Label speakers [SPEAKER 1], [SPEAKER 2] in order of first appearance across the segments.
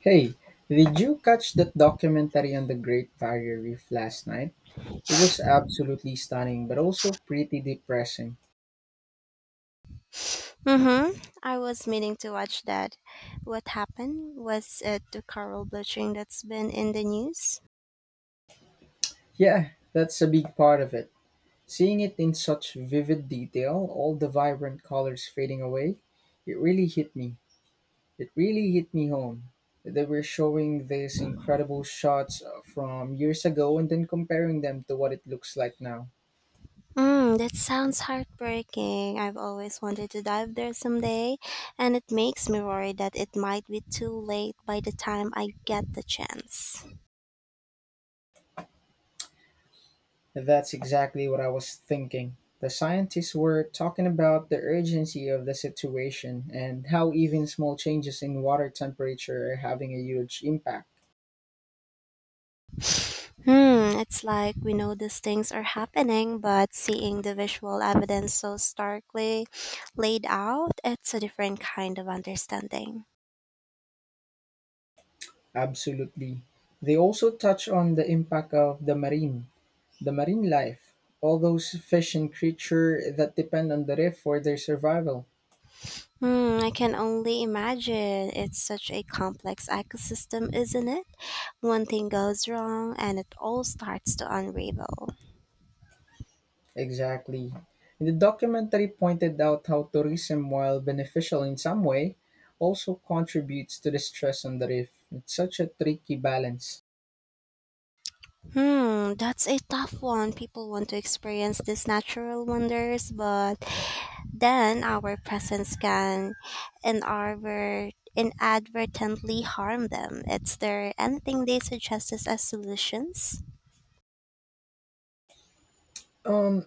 [SPEAKER 1] Hey, did you catch that documentary on the Great Barrier Reef last night? It was absolutely stunning, but also pretty depressing.
[SPEAKER 2] Mm-hmm. I was meaning to watch that. What happened? Was it the coral bleaching that's been in the news?
[SPEAKER 1] Yeah, that's a big part of it. Seeing it in such vivid detail, all the vibrant colors fading away, it really hit me. It really hit me home. They were showing these incredible shots from years ago and then comparing them to what it looks like now.
[SPEAKER 2] Mm, that sounds heartbreaking. I've always wanted to dive there someday, and it makes me worry that it might be too late by the time I get the chance.
[SPEAKER 1] That's exactly what I was thinking. The scientists were talking about the urgency of the situation and how even small changes in water temperature are having a huge impact.
[SPEAKER 2] Hmm, it's like we know these things are happening, but seeing the visual evidence so starkly laid out, it's a different kind of understanding.
[SPEAKER 1] Absolutely. They also touch on the impact of the marine life, all those fish and creature that depend on the reef for their survival.
[SPEAKER 2] Hmm, I can only imagine. It's such a complex ecosystem, isn't it? One thing goes wrong and it all starts to unravel.
[SPEAKER 1] Exactly. And the documentary pointed out how tourism, while beneficial in some way, also contributes to the stress on the reef. It's such a tricky balance.
[SPEAKER 2] Hmm, that's a tough one. People want to experience these natural wonders, but then our presence can inadvertently harm them. Is there anything they suggest as solutions?
[SPEAKER 1] Um,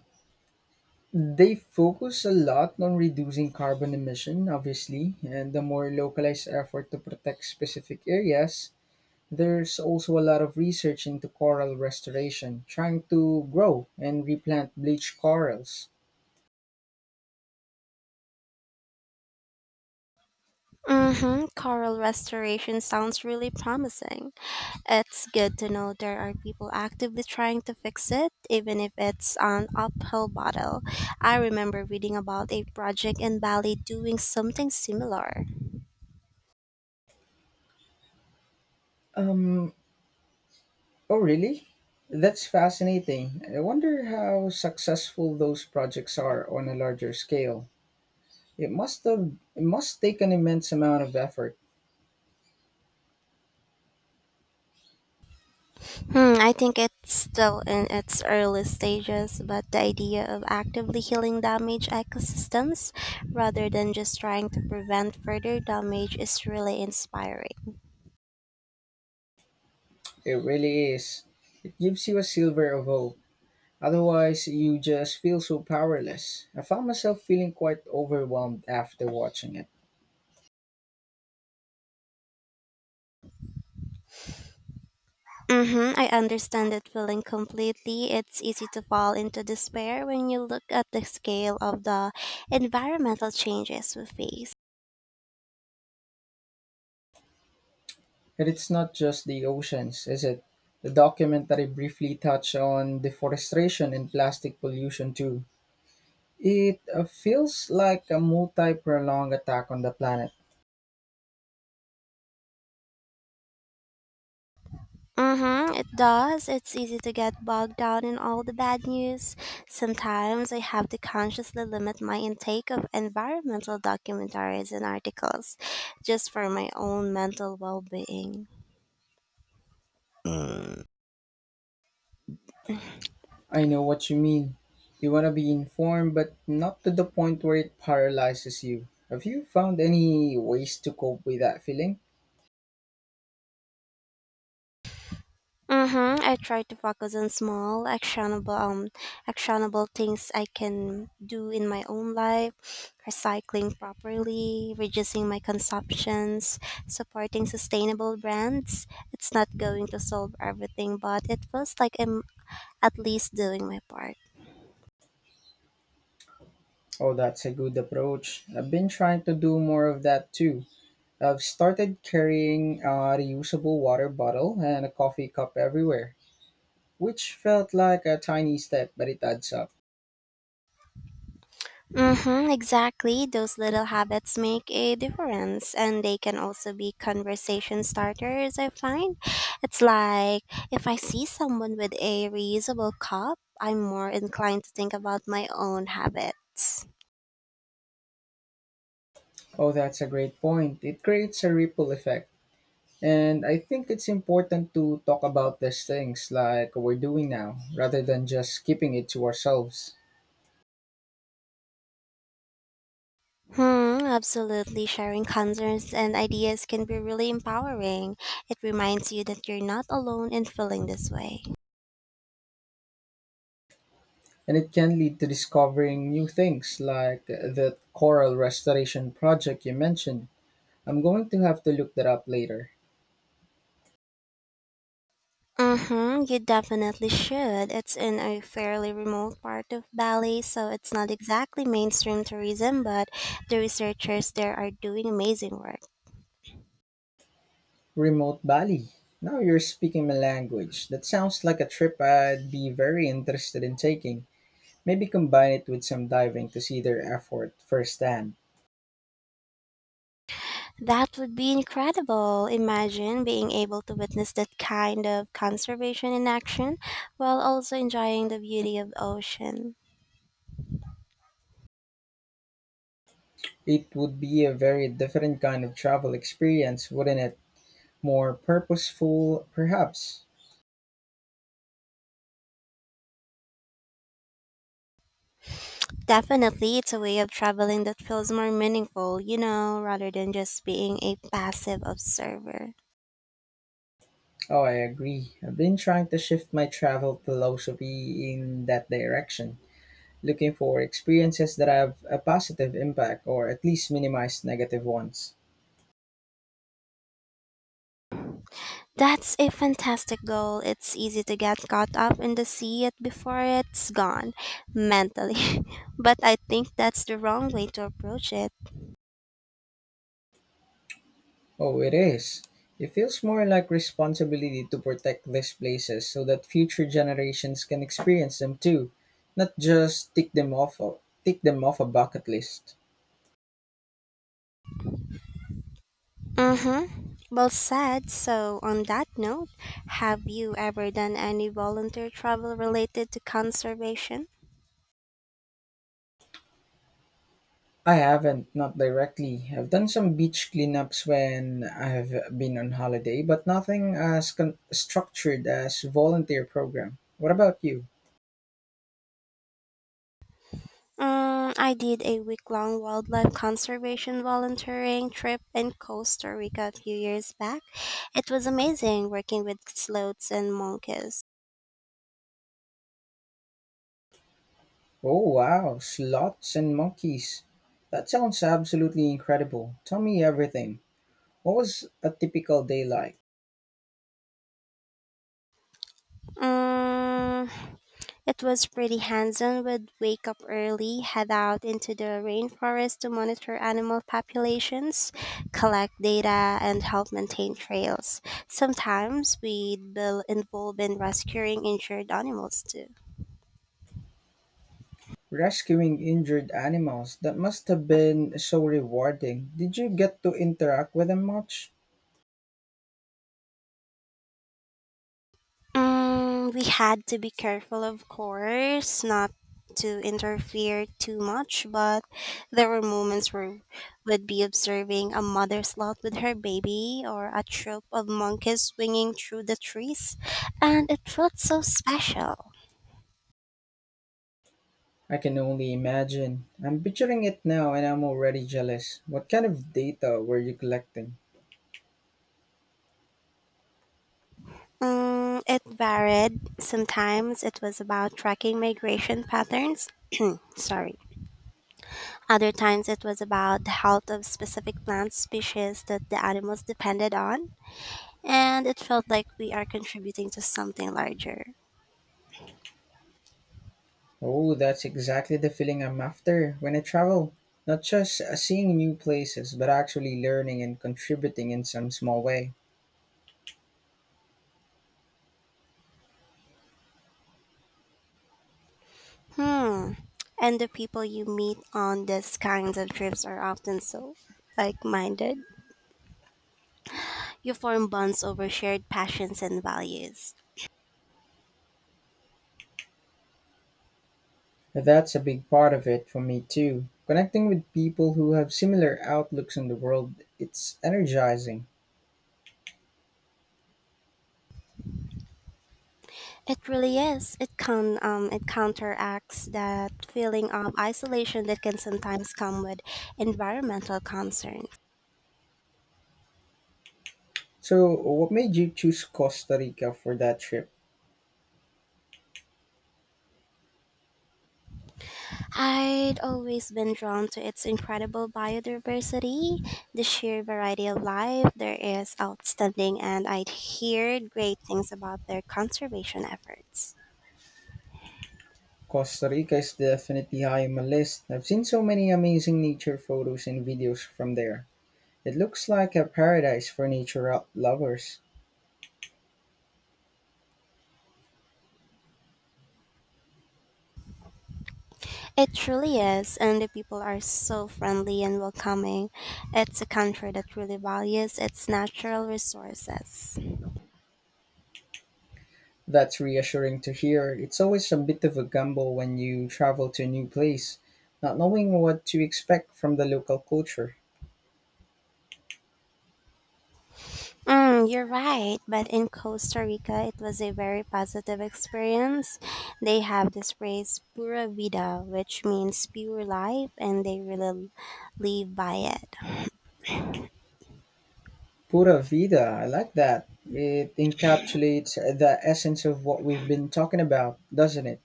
[SPEAKER 1] they focus a lot on reducing carbon emission, obviously, and the more localized effort to protect specific areas. There's also a lot of research into coral restoration, trying to grow and replant bleached corals.
[SPEAKER 2] Mm-hmm. Coral restoration sounds really promising. It's good to know there are people actively trying to fix it, even if it's an uphill battle. I remember reading about a project in Bali doing something similar.
[SPEAKER 1] Um, Oh, really? That's fascinating. I wonder how successful those projects are on a larger scale. It must take an immense amount of effort.
[SPEAKER 2] Hmm, I think it's still in its early stages, but the idea of actively healing damaged ecosystems rather than just trying to prevent further damage is really inspiring.
[SPEAKER 1] It really is. It gives you a silver of hope. Otherwise, you just feel so powerless. I found myself feeling quite overwhelmed after watching it.
[SPEAKER 2] Mm-hmm. I understand that feeling completely. It's easy to fall into despair when you look at the scale of the environmental changes we face.
[SPEAKER 1] And it's not just the oceans, is it? The documentary briefly touched on deforestation and plastic pollution too. It feels like a multi prolonged attack on the planet.
[SPEAKER 2] Mm-hmm. It does. It's easy to get bogged down in all the bad news. Sometimes I have to consciously limit my intake of environmental documentaries and articles just for my own mental well being.
[SPEAKER 1] I know what you mean. You want to be informed, but not to the point where it paralyzes you. Have you found any ways to cope with that feeling?
[SPEAKER 2] Mm-hmm. I try to focus on small, actionable, actionable things I can do in my own life, recycling properly, reducing my consumptions, supporting sustainable brands. It's not going to solve everything, but it feels like I'm at least doing my part.
[SPEAKER 1] Oh, that's a good approach. I've been trying to do more of that too. I've started carrying a reusable water bottle and a coffee cup everywhere, which felt like a tiny step, but it adds up.
[SPEAKER 2] Mm-hmm, exactly. Those little habits make a difference, and they can also be conversation starters, I find. It's like if I see someone with a reusable cup, I'm more inclined to think about my own habits.
[SPEAKER 1] Oh, that's a great point. It creates a ripple effect. And I think it's important to talk about these things like we're doing now rather than just keeping it to ourselves.
[SPEAKER 2] Hmm, absolutely. Sharing concerns and ideas can be really empowering. It reminds you that you're not alone in feeling this way.
[SPEAKER 1] And it can lead to discovering new things like the coral restoration project you mentioned. I'm going to have to look that up later.
[SPEAKER 2] Mm-hmm, you definitely should. It's in a fairly remote part of Bali, so it's not exactly mainstream tourism, but the researchers there are doing amazing work.
[SPEAKER 1] Remote Bali. Now you're speaking my language. That sounds like a trip I'd be very interested in taking. Maybe combine it with some diving to see their effort firsthand.
[SPEAKER 2] That would be incredible. Imagine being able to witness that kind of conservation in action while also enjoying the beauty of the ocean.
[SPEAKER 1] It would be a very different kind of travel experience, wouldn't it? More purposeful, perhaps.
[SPEAKER 2] Definitely, it's a way of traveling that feels more meaningful, you know, rather than just being a passive observer.
[SPEAKER 1] Oh, I agree. I've been trying to shift my travel philosophy in that direction, looking for experiences that have a positive impact or at least minimize negative ones.
[SPEAKER 2] That's a fantastic goal. It's easy to get caught up in the sea yet before it's gone mentally. But I think that's the wrong way to approach it.
[SPEAKER 1] Oh, it is. It feels more like responsibility to protect these places so that future generations can experience them too, not just tick them off a bucket list.
[SPEAKER 2] Mm-hmm. Well said. So, on that note, have you ever done any volunteer travel related to conservation?
[SPEAKER 1] I haven't, not directly. I've done some beach cleanups when I've been on holiday, but nothing as structured as volunteer program. What about you?
[SPEAKER 2] Mm, I did a week long wildlife conservation volunteering trip in Costa Rica a few years back. It was amazing working with sloths and monkeys.
[SPEAKER 1] Oh wow, sloths and monkeys. That sounds absolutely incredible. Tell me everything. What was a typical day like?
[SPEAKER 2] Mm, it was pretty hands-on. We'd wake up early, head out into the rainforest to monitor animal populations, collect data, and help maintain trails. Sometimes we'd be involved in rescuing injured animals too.
[SPEAKER 1] Rescuing injured animals. That must have been so rewarding. Did you get to interact with them much?
[SPEAKER 2] Mm, we had to be careful, of course, not to interfere too much, but there were moments where we'd be observing a mother sloth with her baby or a troop of monkeys swinging through the trees, and it felt so special.
[SPEAKER 1] I can only imagine. I'm picturing it now and I'm already jealous. What kind of data were you collecting?
[SPEAKER 2] Mm, it varied. Sometimes it was about tracking migration patterns. Sorry. Other times it was about the health of specific plant species that the animals depended on, and it felt like we are contributing to something larger.
[SPEAKER 1] Oh, that's exactly the feeling I'm after when I travel. Not just seeing new places, but actually learning and contributing in some small way.
[SPEAKER 2] Hmm. And the people you meet on these kinds of trips are often so like minded. You form bonds over shared passions and values.
[SPEAKER 1] That's a big part of it for me too. Connecting with people who have similar outlooks on the world, it's energizing.
[SPEAKER 2] It really is. It can it counteracts that feeling of isolation that can sometimes come with environmental concern.
[SPEAKER 1] So, what made you choose Costa Rica for that trip?
[SPEAKER 2] I'd always been drawn to its incredible biodiversity, the sheer variety of life there is outstanding, and I'd heard great things about their conservation efforts.
[SPEAKER 1] Costa Rica is definitely high on my list. I've seen so many amazing nature photos and videos from there. It looks like a paradise for nature lovers.
[SPEAKER 2] It truly is, and the people are so friendly and welcoming. It's a country that really values its natural resources.
[SPEAKER 1] That's reassuring to hear. It's always a bit of a gamble when you travel to a new place, not knowing what to expect from the local culture.
[SPEAKER 2] Mm, you're right. But in Costa Rica, it was a very positive experience. They have this phrase "pura vida," which means pure life, and they really live by it.
[SPEAKER 1] Pura vida, I like that. It encapsulates the essence of what we've been talking about, doesn't it?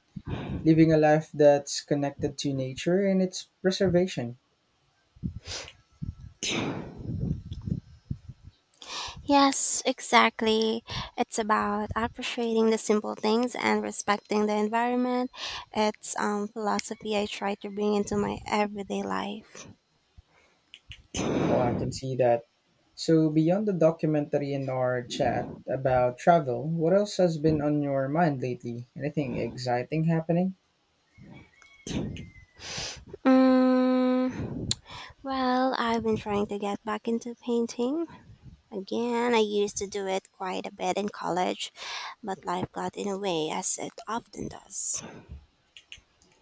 [SPEAKER 1] Living a life that's connected to nature and its preservation.
[SPEAKER 2] Yes, exactly. It's about appreciating the simple things and respecting the environment. It's philosophy I try to bring into my everyday life.
[SPEAKER 1] Oh, I can see that. So, beyond the documentary and our chat about travel, what else has been on your mind lately? Anything exciting happening?
[SPEAKER 2] Mm, well, I've been trying to get back into painting. Again, I used to do it quite a bit in college, but life got in the way as it often does.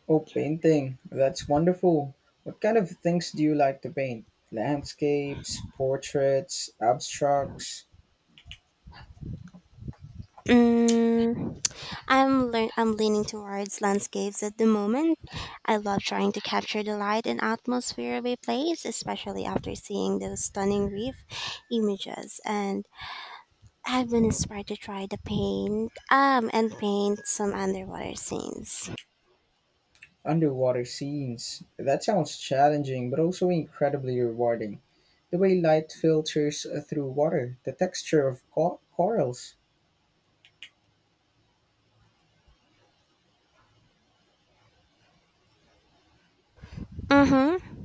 [SPEAKER 1] Oh, painting. That's wonderful. What kind of things do you like to paint? Landscapes, portraits, abstracts,
[SPEAKER 2] Mm, I'm leaning towards landscapes at the moment. I love trying to capture the light and atmosphere of a place, especially after seeing those stunning reef images. And I've been inspired to try to paint some underwater scenes.
[SPEAKER 1] underwater scenes. That sounds challenging, but also incredibly rewarding. The way light filters through water, the texture of corals.
[SPEAKER 2] Mm-hmm.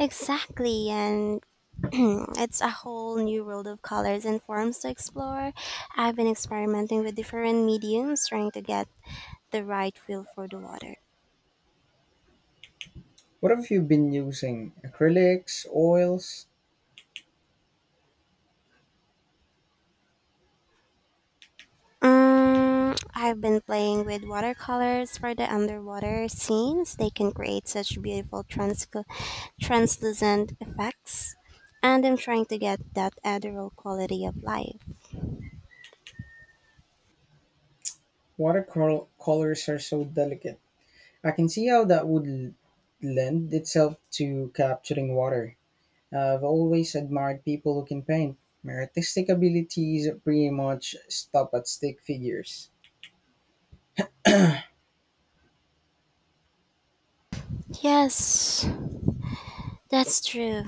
[SPEAKER 2] Exactly, and it's a whole new world of colors and forms to explore. I've been experimenting with different mediums, trying to get the right feel for the water.
[SPEAKER 1] What have you been using? Acrylics, oils?
[SPEAKER 2] Mm, I've been playing with watercolors for the underwater scenes. They can create such beautiful translucent effects. And I'm trying to get that ethereal quality of life.
[SPEAKER 1] Watercolors are so delicate. I can see how that would lend itself to capturing water. I've always admired people who can paint. My artistic abilities pretty much stop at stick figures.
[SPEAKER 2] Yes, that's true.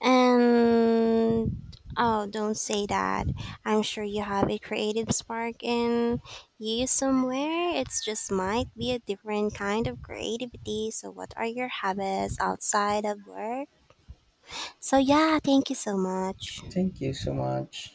[SPEAKER 2] And oh, don't say that. I'm sure you have a creative spark in you somewhere. It's just might be a different kind of creativity. So, what are your habits outside of work? So, yeah, thank you so much.
[SPEAKER 1] Thank you so much.